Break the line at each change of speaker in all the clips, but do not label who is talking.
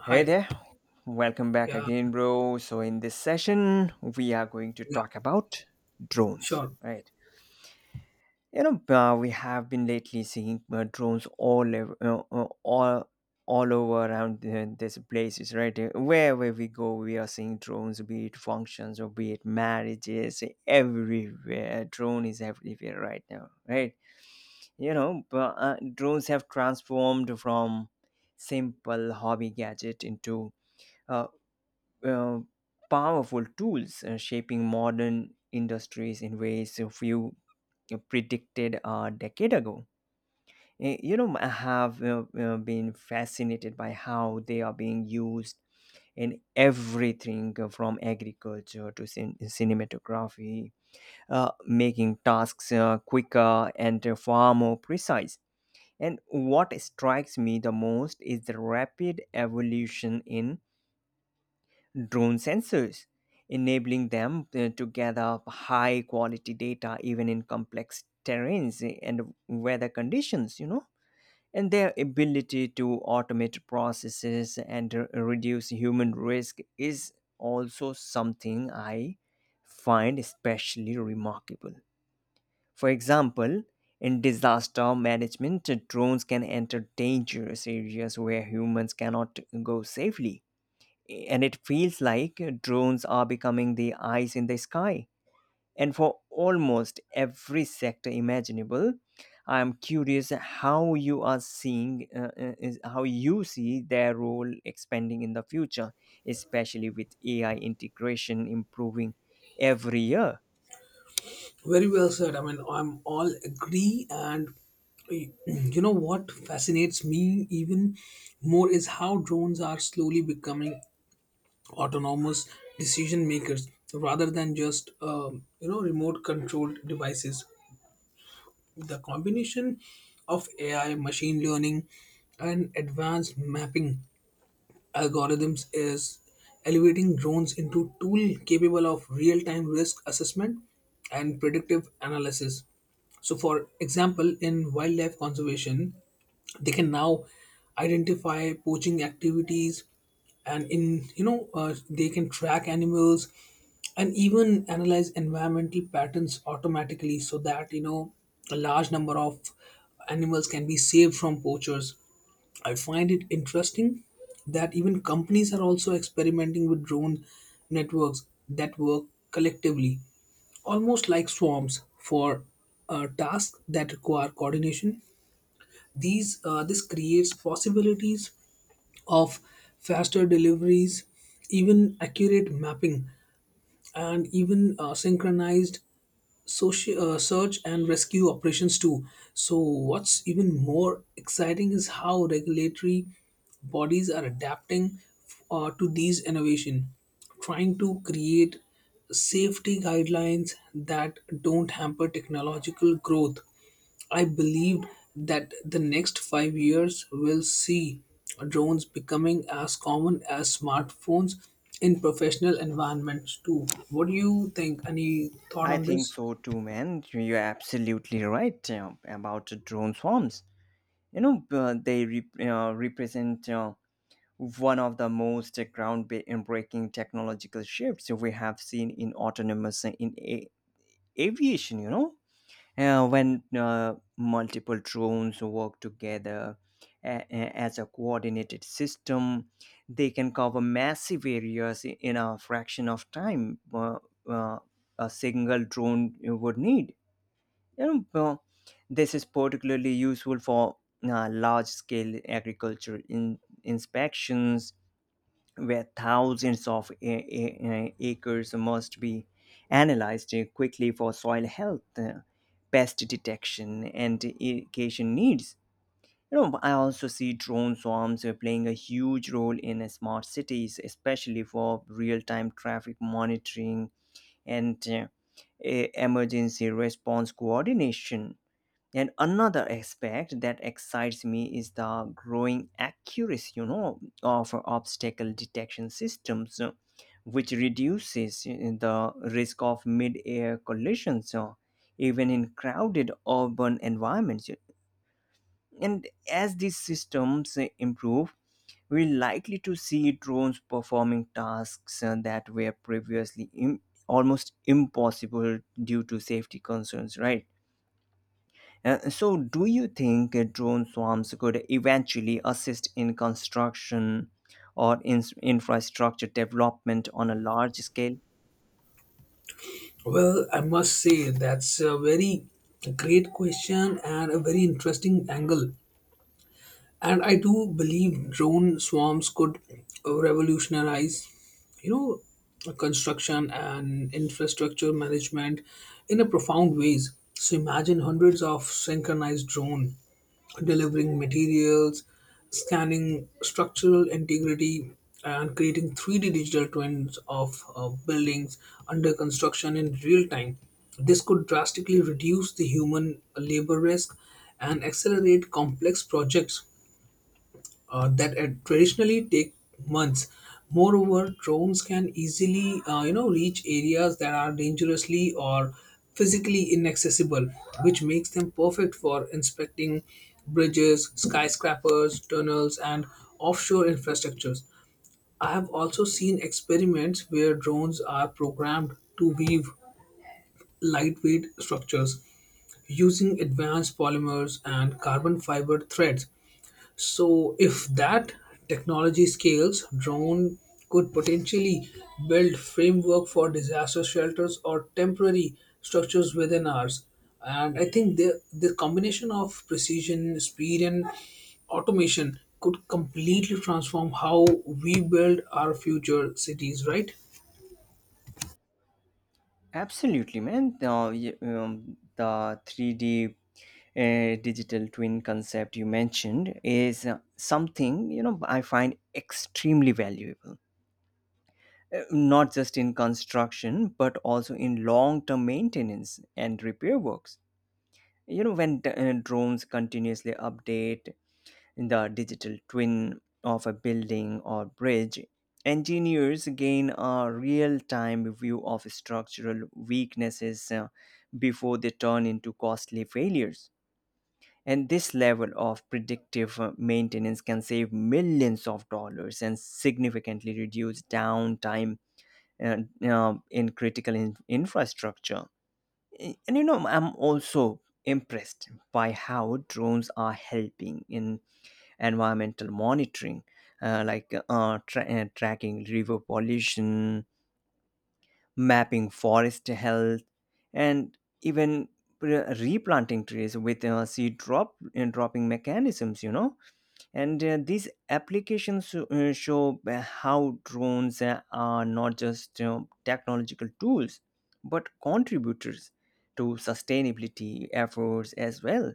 Hey there, welcome back
Yeah,
again, bro. So, in this session, we are going to
yeah,
talk about drones,
sure.
right? We have been lately seeing drones all over, all over around these places, right? Wherever we go, we are seeing drones, be it functions or be it marriages, everywhere. Drone is everywhere right now, right? Drones have transformed from simple hobby gadget into a uh, powerful tools shaping modern industries in ways a few predicted a decade ago. I have been fascinated by how they are being used in everything from agriculture to cinematography, making tasks quicker and far more precise. And what strikes me the most is the rapid evolution in drone sensors, enabling them to gather high quality data even in complex terrains and weather conditions. And their ability to automate processes and reduce human risk is also something I find especially remarkable. For example, in disaster management, drones can enter dangerous areas where humans cannot go safely, and it feels like drones are becoming the eyes in the sky and for almost every sector imaginable. I am curious how you are seeing is how you see their role expanding in the future, especially with AI integration improving every year.
Very well said. I mean, I'm all agree. You know what fascinates me even more is how drones are slowly becoming autonomous decision makers rather than just, remote controlled devices. The combination of AI, machine learning, and advanced mapping algorithms is elevating drones into tool capable of real-time risk assessment and predictive analysis. So, for example, in wildlife conservation, they can now identify poaching activities, and in you know they can track animals, and even analyze environmental patterns automatically, so that you know a large number of animals can be saved from poachers. I find it interesting that even companies are also experimenting with drone networks that work collectively, almost like swarms, for tasks that require coordination. These this creates possibilities of faster deliveries, even accurate mapping, and even synchronized search and rescue operations too. So what's even more exciting is how regulatory bodies are adapting to these innovation, trying to create safety guidelines that don't hamper technological growth. I believed that the next 5 years will see drones becoming as common as smartphones in professional environments too. What do you think? Any thought
I
on
think
this?
so too, man. You're absolutely right about the drone swarms. They represent one of the most groundbreaking technological shifts we have seen in autonomous aviation. When multiple drones work together as a coordinated system, they can cover massive areas in a fraction of time. Uh, a single drone would need, you know, uh, this is particularly useful for large-scale agriculture inspections, where thousands of acres must be analyzed quickly for soil health, pest detection, and irrigation needs. You know, I also see drone swarms playing a huge role in smart cities, especially for real-time traffic monitoring and emergency response coordination. And another aspect that excites me is the growing accuracy, you know, of obstacle detection systems, which reduces the risk of mid-air collisions, even in crowded urban environments. And as these systems improve, we're likely to see drones performing tasks that were previously almost impossible due to safety concerns, right? So, do you think drone swarms could eventually assist in construction or in infrastructure development on a large scale?
Well, I must say that's a very great question and a very interesting angle. And I do believe drone swarms could revolutionize, you know, construction and infrastructure management in a profound ways. So imagine hundreds of synchronized drone delivering materials, scanning structural integrity, and creating 3D digital twins of buildings under construction in real time. This could drastically reduce the human labor risk and accelerate complex projects that traditionally take months. Moreover, drones can easily, you know, reach areas that are dangerously or physically inaccessible, which makes them perfect for inspecting bridges, skyscrapers, tunnels, and offshore infrastructures. I have also seen experiments where drones are programmed to weave lightweight structures using advanced polymers and carbon fiber threads. So, if that technology scales, drone could potentially build framework for disaster shelters or temporary structures within ours. And I think the combination of precision, speed, and automation could completely transform how we build our future cities. Right?
Absolutely, man. The 3D digital twin concept you mentioned is something, you know, I find extremely valuable. Not just in construction, but also in long-term maintenance and repair works. Drones continuously update the digital twin of a building or bridge, engineers gain a real time view of structural weaknesses before they turn into costly failures. And this level of predictive maintenance can save millions of dollars and significantly reduce downtime uh, in critical infrastructure. And you know, I'm also impressed by how drones are helping in environmental monitoring, tracking river pollution, mapping forest health, and even replanting trees with seed drop and dropping mechanisms, you know. And these applications show how drones are not just technological tools but contributors to sustainability efforts as well.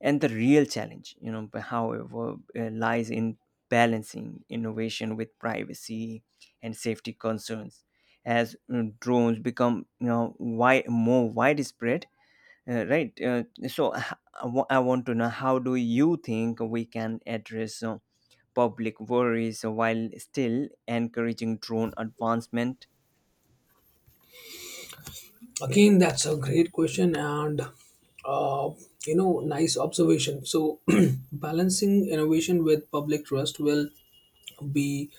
And the real challenge, you know, but however lies in balancing innovation with privacy and safety concerns as drones become, you know, why more widespread. uh, right uh, so h- I want to know, how do you think we can address public worries while still encouraging drone advancement?
Again, that's a great question, and uh, you know, nice observation. So, balancing innovation with public trust will be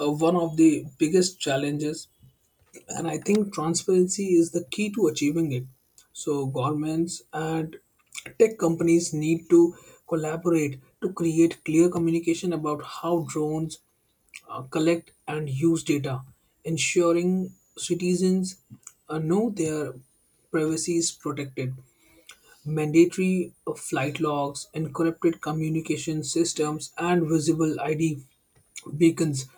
one of the biggest challenges. And I think transparency is the key to achieving it. So governments and tech companies need to collaborate to create clear communication about how drones collect and use data, ensuring citizens know their privacy is protected. Mandatory flight logs, encrypted communication systems, and visible ID beacons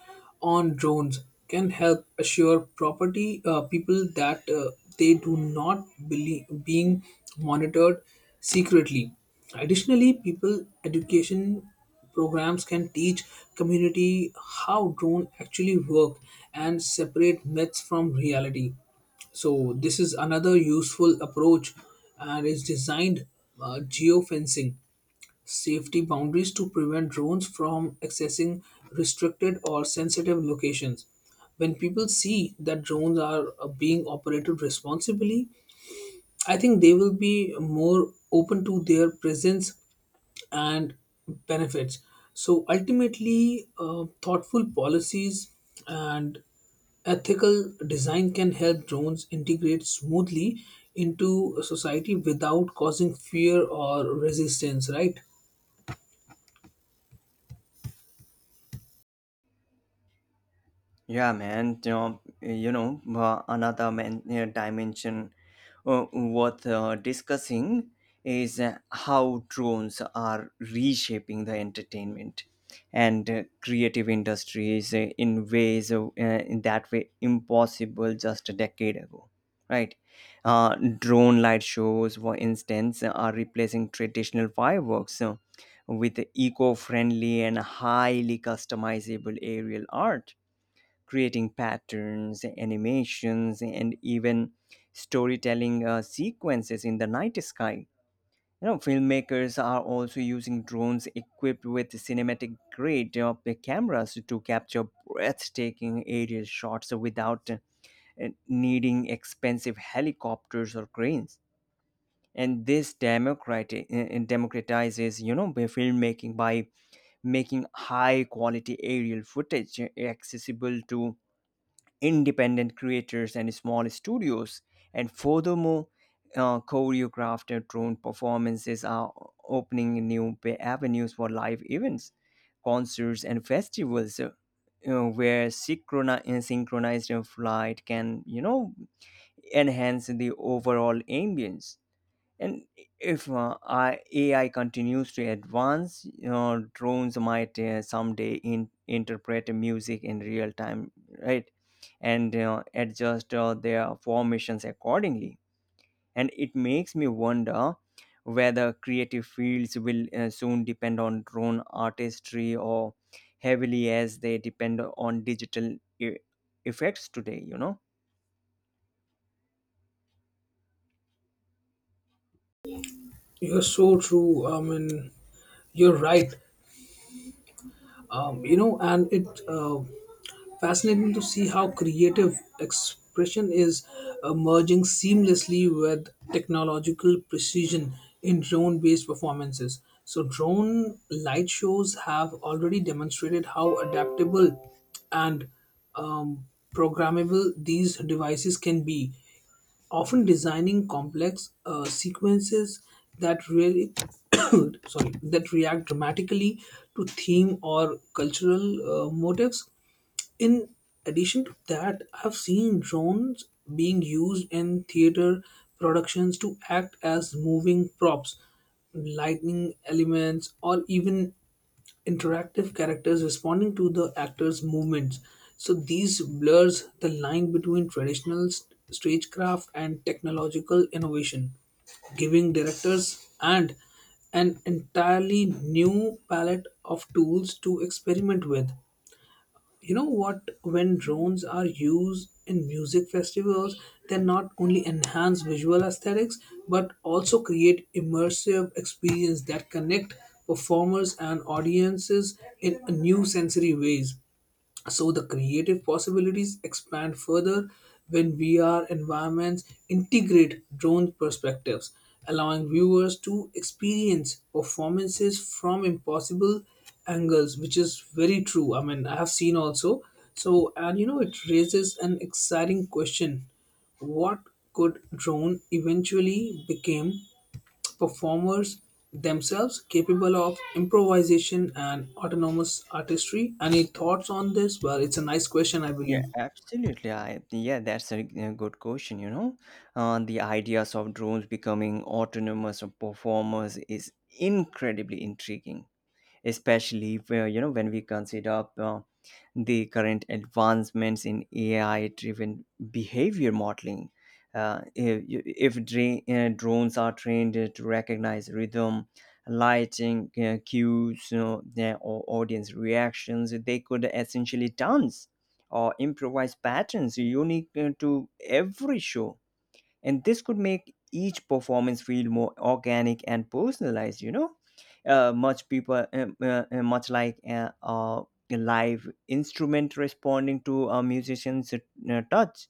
on drones can help assure property people that they do not believe being monitored secretly. Additionally, people education programs can teach community how drone actually work and separate myths from reality. So this is another useful approach, and is designed geofencing safety boundaries to prevent drones from accessing restricted or sensitive locations. When people see that drones are being operated responsibly, I think they will be more open to their presence and benefits. So ultimately, thoughtful policies and ethical design can help drones integrate smoothly into society without causing fear or resistance, right?
Yeah, man. Another, man, dimension worth discussing is how drones are reshaping the entertainment and creative industries in that way impossible just a decade ago. Right, drone light shows, for instance, are replacing traditional fireworks with eco-friendly and highly customizable aerial art, creating patterns, animations, and even storytelling sequences in the night sky. You know, filmmakers are also using drones equipped with cinematic grade cameras to capture breathtaking aerial shots without needing expensive helicopters or cranes. And this democratizes, you know, the filmmaking by making high quality aerial footage accessible to independent creators and small studios. And furthermore, choreographed and drone performances are opening new avenues for live events, concerts, and festivals, you know, where synchronized flight can, you know, enhance the overall ambience. And if AI continues to advance, you know, drones might someday interpret music in real time, right? And adjust their formations accordingly. And it makes me wonder whether creative fields will soon depend on drone artistry or heavily as they depend on digital effects today, you know?
You're so true. I mean, you're right. You know, and it Fascinating to see how creative expression is merging seamlessly with technological precision in drone based performances. So, drone light shows have already demonstrated how adaptable and, um, programmable these devices can be, often designing complex sequences that really sorry, that react dramatically to theme or cultural motives. In addition to that, I've seen drones being used in theater productions to act as moving props, lightning elements, or even interactive characters responding to the actor's movements. So these blurs the line between traditional stagecraft and technological innovation, giving directors and an entirely new palette of tools to experiment with. You know what, when drones are used in music festivals, they not only enhance visual aesthetics but also create immersive experience that connect performers and audiences in a new sensory ways. So the creative possibilities expand further when VR environments integrate drone perspectives, allowing viewers to experience performances from impossible angles, which is very true. I mean, I have seen also. So, and you know, it raises an exciting question: what could drone eventually become? Performers themselves capable of improvisation and autonomous artistry. Any thoughts on this? Well, it's a nice question, I
Yeah,
believe.
absolutely. That's a good question. The ideas of drones becoming autonomous or performers is incredibly intriguing, especially where, you know, when we consider the current advancements in AI driven behavior modeling. If you- if dra- drones are trained to recognize rhythm, lighting, cues, you know, their audience reactions, they could essentially dance or improvise patterns unique to every show. And this could make each performance feel more organic and personalized, you know, much like a live instrument responding to a musician's touch.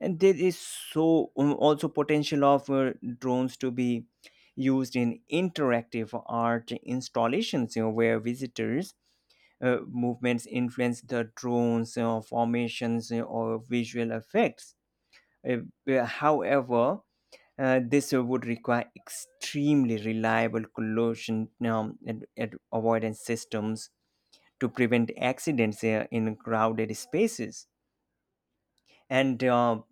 And there is so also potential of drones to be used in interactive art installations, you know, where visitors movements influence the drones formations or visual effects. Uh, however This would require extremely reliable collision and avoidance systems to prevent accidents in crowded spaces. And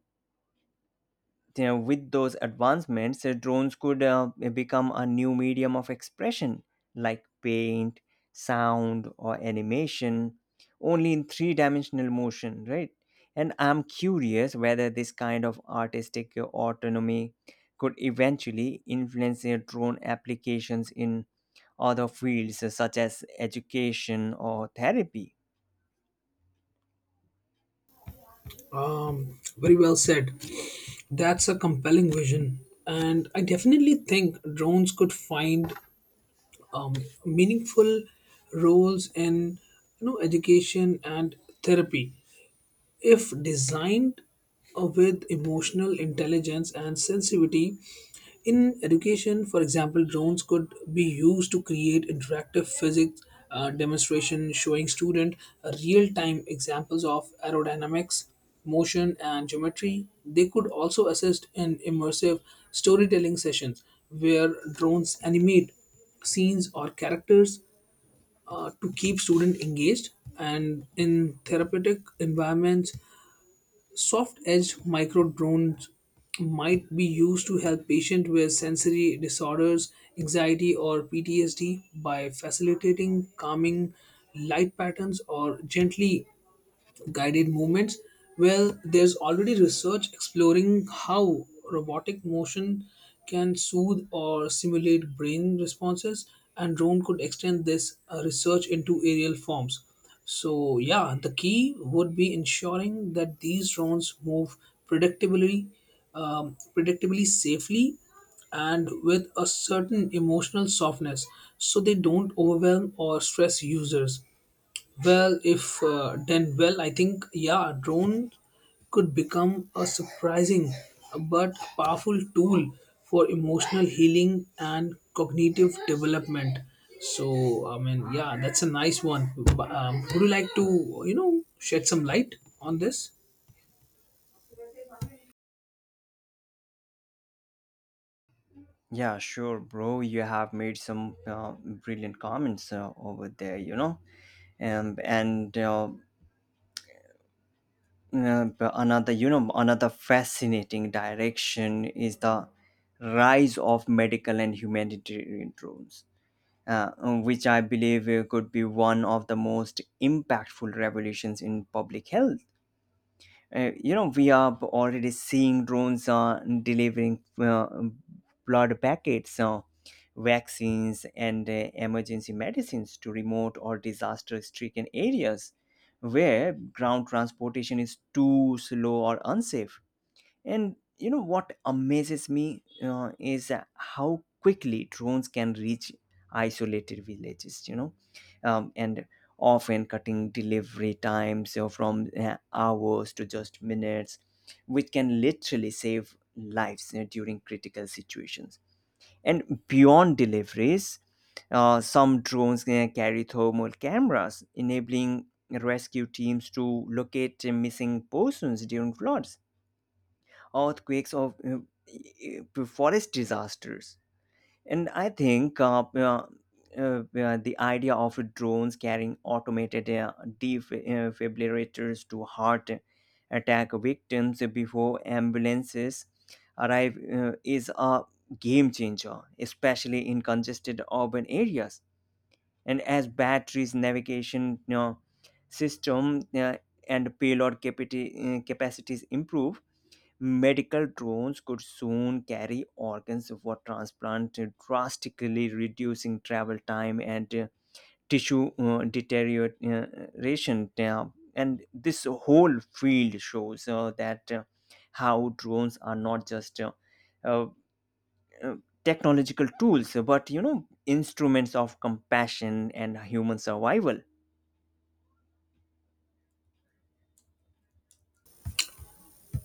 you know, with those advancements, drones could become a new medium of expression like paint, sound, or animation, only in three dimensional motion, right? And I'm curious whether this kind of artistic autonomy could eventually influence drone applications in other fields such as education or therapy.
Very well said. That's a compelling vision. And I definitely think drones could find um, meaningful roles in, you know, education and therapy. If designed with emotional intelligence and sensitivity, in education, for example, drones could be used to create interactive physics demonstration showing student real-time examples of aerodynamics, motion, and geometry. They could also assist in immersive storytelling sessions where drones animate scenes or characters to keep students engaged. And in therapeutic environments, soft edged microdrones might be used to help patients with sensory disorders, anxiety, or PTSD by facilitating calming light patterns or gently guided movements. Well, there's already research exploring how robotic motion can soothe or simulate brain responses, and drone could extend this research into aerial forms. So yeah, the key would be ensuring that these drones move predictably predictably, safely, and with a certain emotional softness, so they don't overwhelm or stress users. Well, if done well, I think yeah, drone could become a surprising but powerful tool for emotional healing and cognitive development. So, I mean, yeah, that's a nice one. But, would you like to, you know, shed some light on this?
Yeah, sure, bro. You have made some brilliant comments over there, you know. And But another, you know, another fascinating direction is the rise of medical and humanitarian drones, which I believe could be one of the most impactful revolutions in public health. You know, we are already seeing drones delivering blood packets, vaccines, and emergency medicines to remote or disaster stricken areas where ground transportation is too slow or unsafe. And you know what amazes me is how quickly drones can reach isolated villages, you know, and often cutting delivery times from hours to just minutes, which can literally save lives during critical situations. And beyond deliveries, some drones carry thermal cameras, enabling rescue teams to locate missing persons during floods, earthquakes, or forest disasters. And I think the idea of drones carrying automated defibrillators to heart attack victims before ambulances arrive is a game changer, especially in congested urban areas. And as batteries, navigation, you know, system, uh, and capacities improve, medical drones could soon carry organs for transplant, drastically reducing travel time and tissue deterioration. Yeah. And this whole field shows that how drones are not just uh, uh, technological tools, but, you know, instruments of compassion and human survival.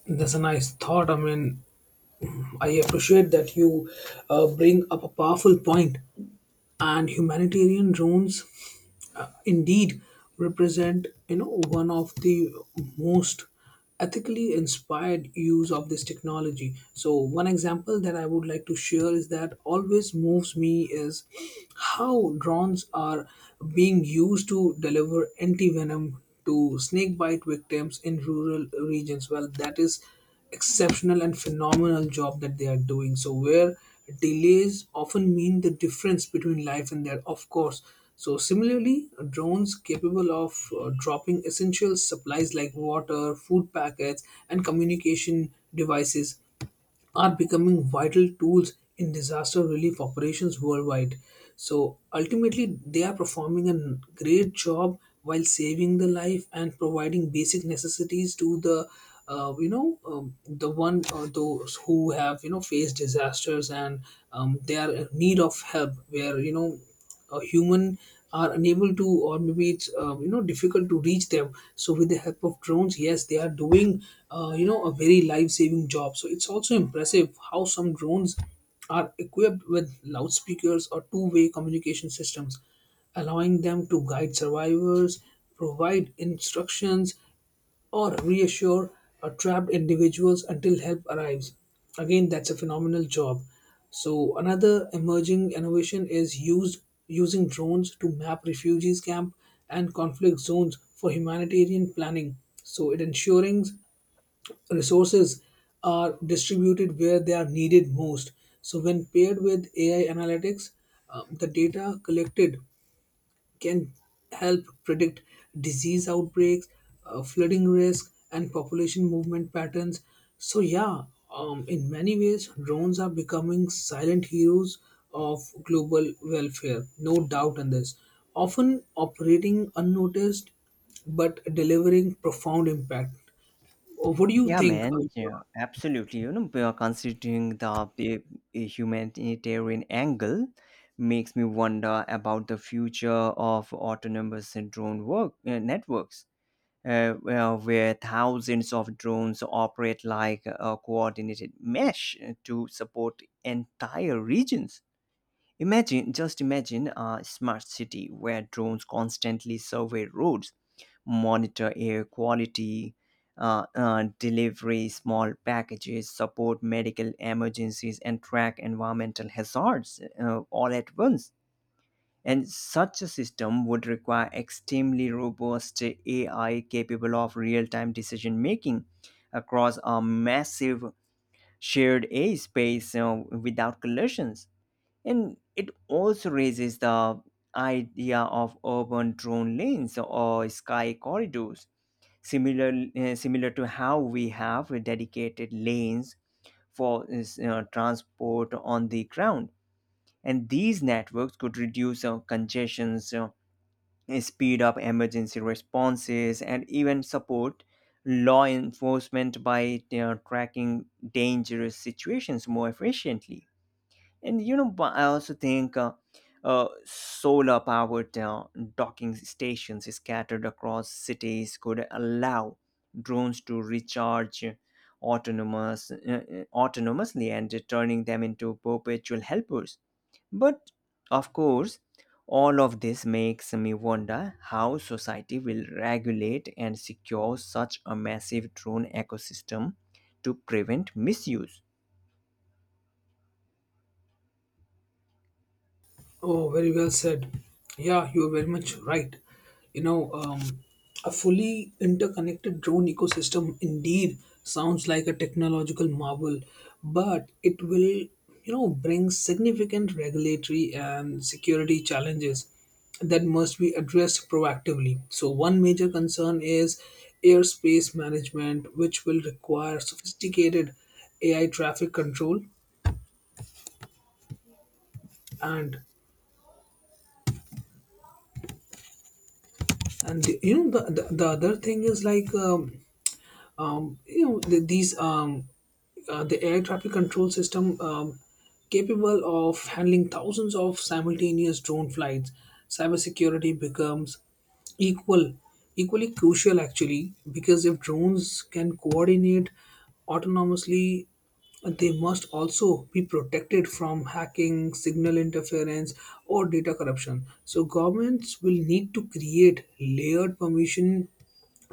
That's a nice thought. I mean, I appreciate that you bring up a powerful point. And humanitarian drones indeed represent, you know, one of the most ethically inspired use of this technology. So one example that I would like to share is that always moves me is how drones are being used to deliver anti-venom to snake bite victims in rural regions. Well, that is exceptional and phenomenal job that they are doing. So where delays often mean the difference between life and death, of course. So similarly, drones capable of dropping essential supplies like water, food packets, and communication devices are becoming vital tools in disaster relief operations worldwide. So ultimately, they are performing a great job while saving the life and providing basic necessities to the the one, those who have, you know, faced disasters and, they are in need of help, where, you know, human are unable to, or maybe it's, you know, difficult to reach them. So with the help of drones, yes, they are doing, you know, a very life saving job. So it's also impressive how some drones are equipped with loudspeakers or two-way communication systems, allowing them to guide survivors, provide instructions, or reassure trapped individuals until help arrives. Again, that's a phenomenal job. So another emerging innovation is used using drones to map refugees camp and conflict zones for humanitarian planning. So it ensuring resources are distributed where they are needed most. So when paired with AI analytics, the data collected can help predict disease outbreaks, flooding risk, and population movement patterns. So, yeah, in many ways, drones are becoming silent heroes of global welfare, no doubt in this. Often operating unnoticed but delivering profound impact. What do you
Yeah,
think?
man. Yeah, absolutely. You know, we are considering the humanitarian angle makes me wonder about the future of autonomous drone work networks, where thousands of drones operate like a coordinated mesh to support entire regions. Imagine, just imagine a smart city where drones constantly survey roads, monitor air quality, delivery small packages, support medical emergencies, and track environmental hazards all at once. And such a system would require extremely robust AI capable of real time decision making across a massive shared airspace without collisions. And it also raises the idea of urban drone lanes or sky corridors, similar, similar to how we have dedicated lanes for transport on the ground. And these networks could reduce congestions, speed up emergency responses, and even support law enforcement by, you know, tracking dangerous situations more efficiently. And you know, but I also think solar powered docking stations scattered across cities could allow drones to recharge autonomous, uh, uh, autonomously and turning them into perpetual helpers. But of course, all of this makes me wonder how society will regulate and secure such a massive drone ecosystem to prevent misuse.
Oh, very well said. Yeah, you are very much right. You know, a fully interconnected drone ecosystem indeed sounds like a technological marvel, but it will, you know, bring significant regulatory and security challenges that must be addressed proactively. So, one major concern is airspace management, which will require sophisticated AI traffic control. And and you know the other thing is like, um, you know the, these um, the air traffic control system capable of handling thousands of simultaneous drone flights. Cybersecurity becomes equal equally crucial actually, because if drones can coordinate autonomously, they must also be protected from hacking, signal interference, or data corruption. So governments will need to create layered permission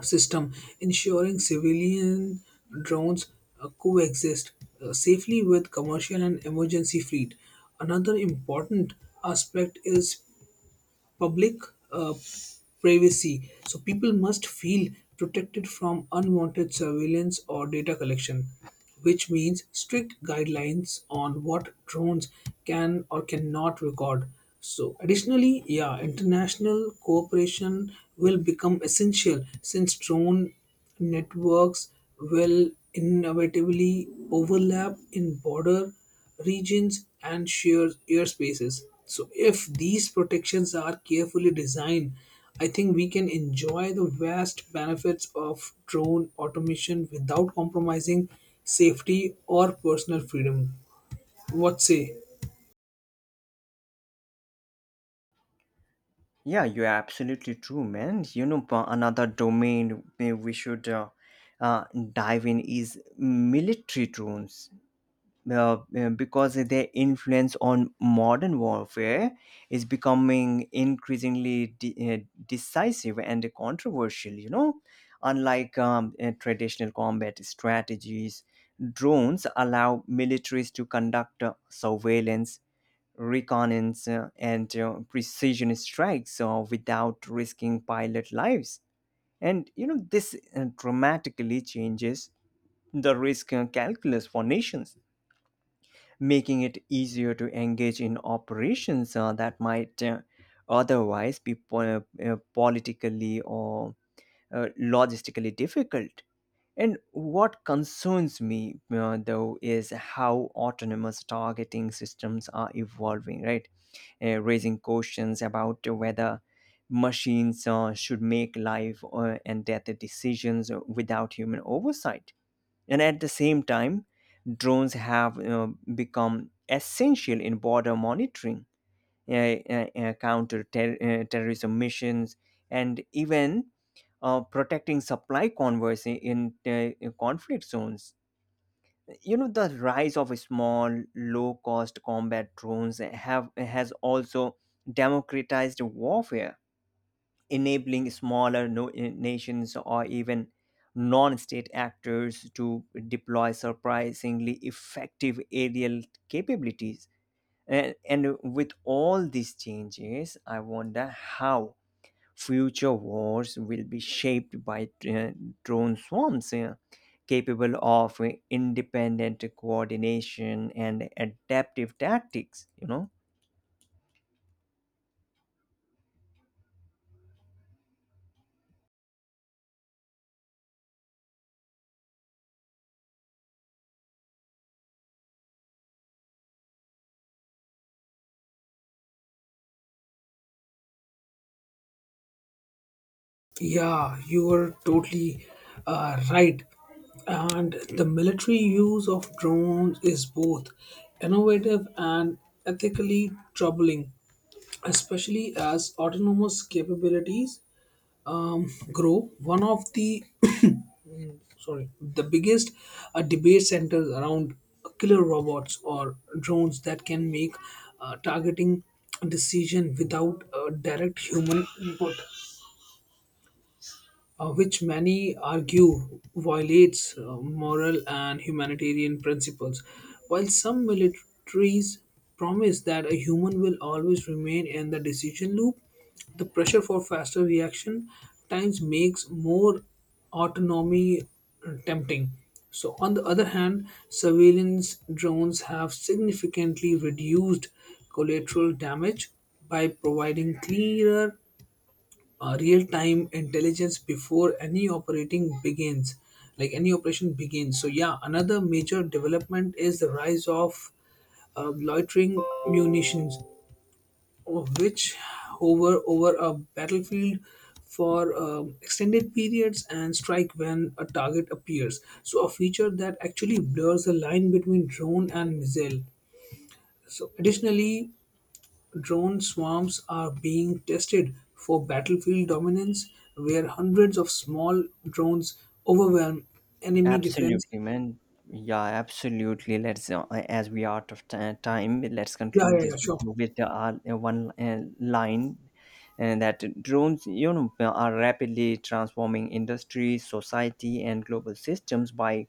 system, ensuring civilian drones coexist safely with commercial and emergency fleet. Another important aspect is public uh, privacy. So people must feel protected from unwanted surveillance or data collection, which means strict guidelines on what drones can or cannot record. So additionally, yeah, international cooperation will become essential, since drone networks will inevitably overlap in border regions and shared airspaces. So, if these protections are carefully designed, I think we can enjoy the vast benefits of drone automation without compromising safety or personal freedom. What say?
Yeah, you're absolutely true, man. You know, another domain we should uh, dive in is military drones. Because their influence on modern warfare is becoming increasingly decisive and controversial, you know. Unlike traditional combat strategies, drones allow militaries to conduct surveillance, reconnaissance, and precision strikes without risking pilot lives. And you know this dramatically changes the risk calculus for nations, making it easier to engage in operations that might otherwise be politically or logistically difficult. And what concerns me, though, is how autonomous targeting systems are evolving, right? Raising questions about whether machines should make life and death decisions without human oversight. And at the same time, drones have become essential in border monitoring, terrorism missions, and even protecting supply convoys in conflict zones. You know, the rise of small, low-cost combat drones have has also democratized warfare, enabling smaller nations or even non-state actors to deploy surprisingly effective aerial capabilities. And With all these changes, I wonder how future wars will be shaped by drone swarms capable of independent coordination and adaptive tactics, you know.
Yeah, you are totally right. And the military use of drones is both innovative and ethically troubling, especially as autonomous capabilities grow. One of the sorry, the biggest debate centers around killer robots or drones that can make targeting decision without direct human input, which many argue violates moral and humanitarian principles. While some militaries promise that a human will always remain in the decision loop, the pressure for faster reaction times makes more autonomy tempting. So, on the other hand, surveillance drones have significantly reduced collateral damage by providing clearer real time intelligence before any operation begins. So yeah, another major development is the rise of loitering munitions which hover over a battlefield for extended periods and strike when a target appears. So a feature that actually blurs the line between drone and missile. So additionally, drone swarms are being tested for battlefield dominance, where hundreds of small drones overwhelm enemy defense.
Absolutely, man. Yeah, absolutely. Let's, as we are out of time, let's
Yeah,
conclude
yeah,
this
yeah, sure.
video with the, one line, and that drones, you know, are rapidly transforming industry, society, and global systems by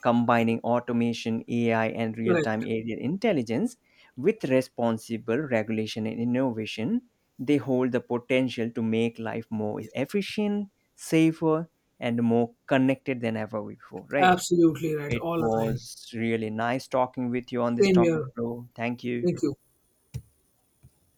combining automation, AI, and real time
Correct.
area intelligence. With responsible regulation and innovation, they hold the potential to make life more efficient, safer, and more connected than ever before, right?
Absolutely right.
It
All aligned.
was really nice talking with you on this
Same
topic,
here.
bro. Thank you.
Thank you.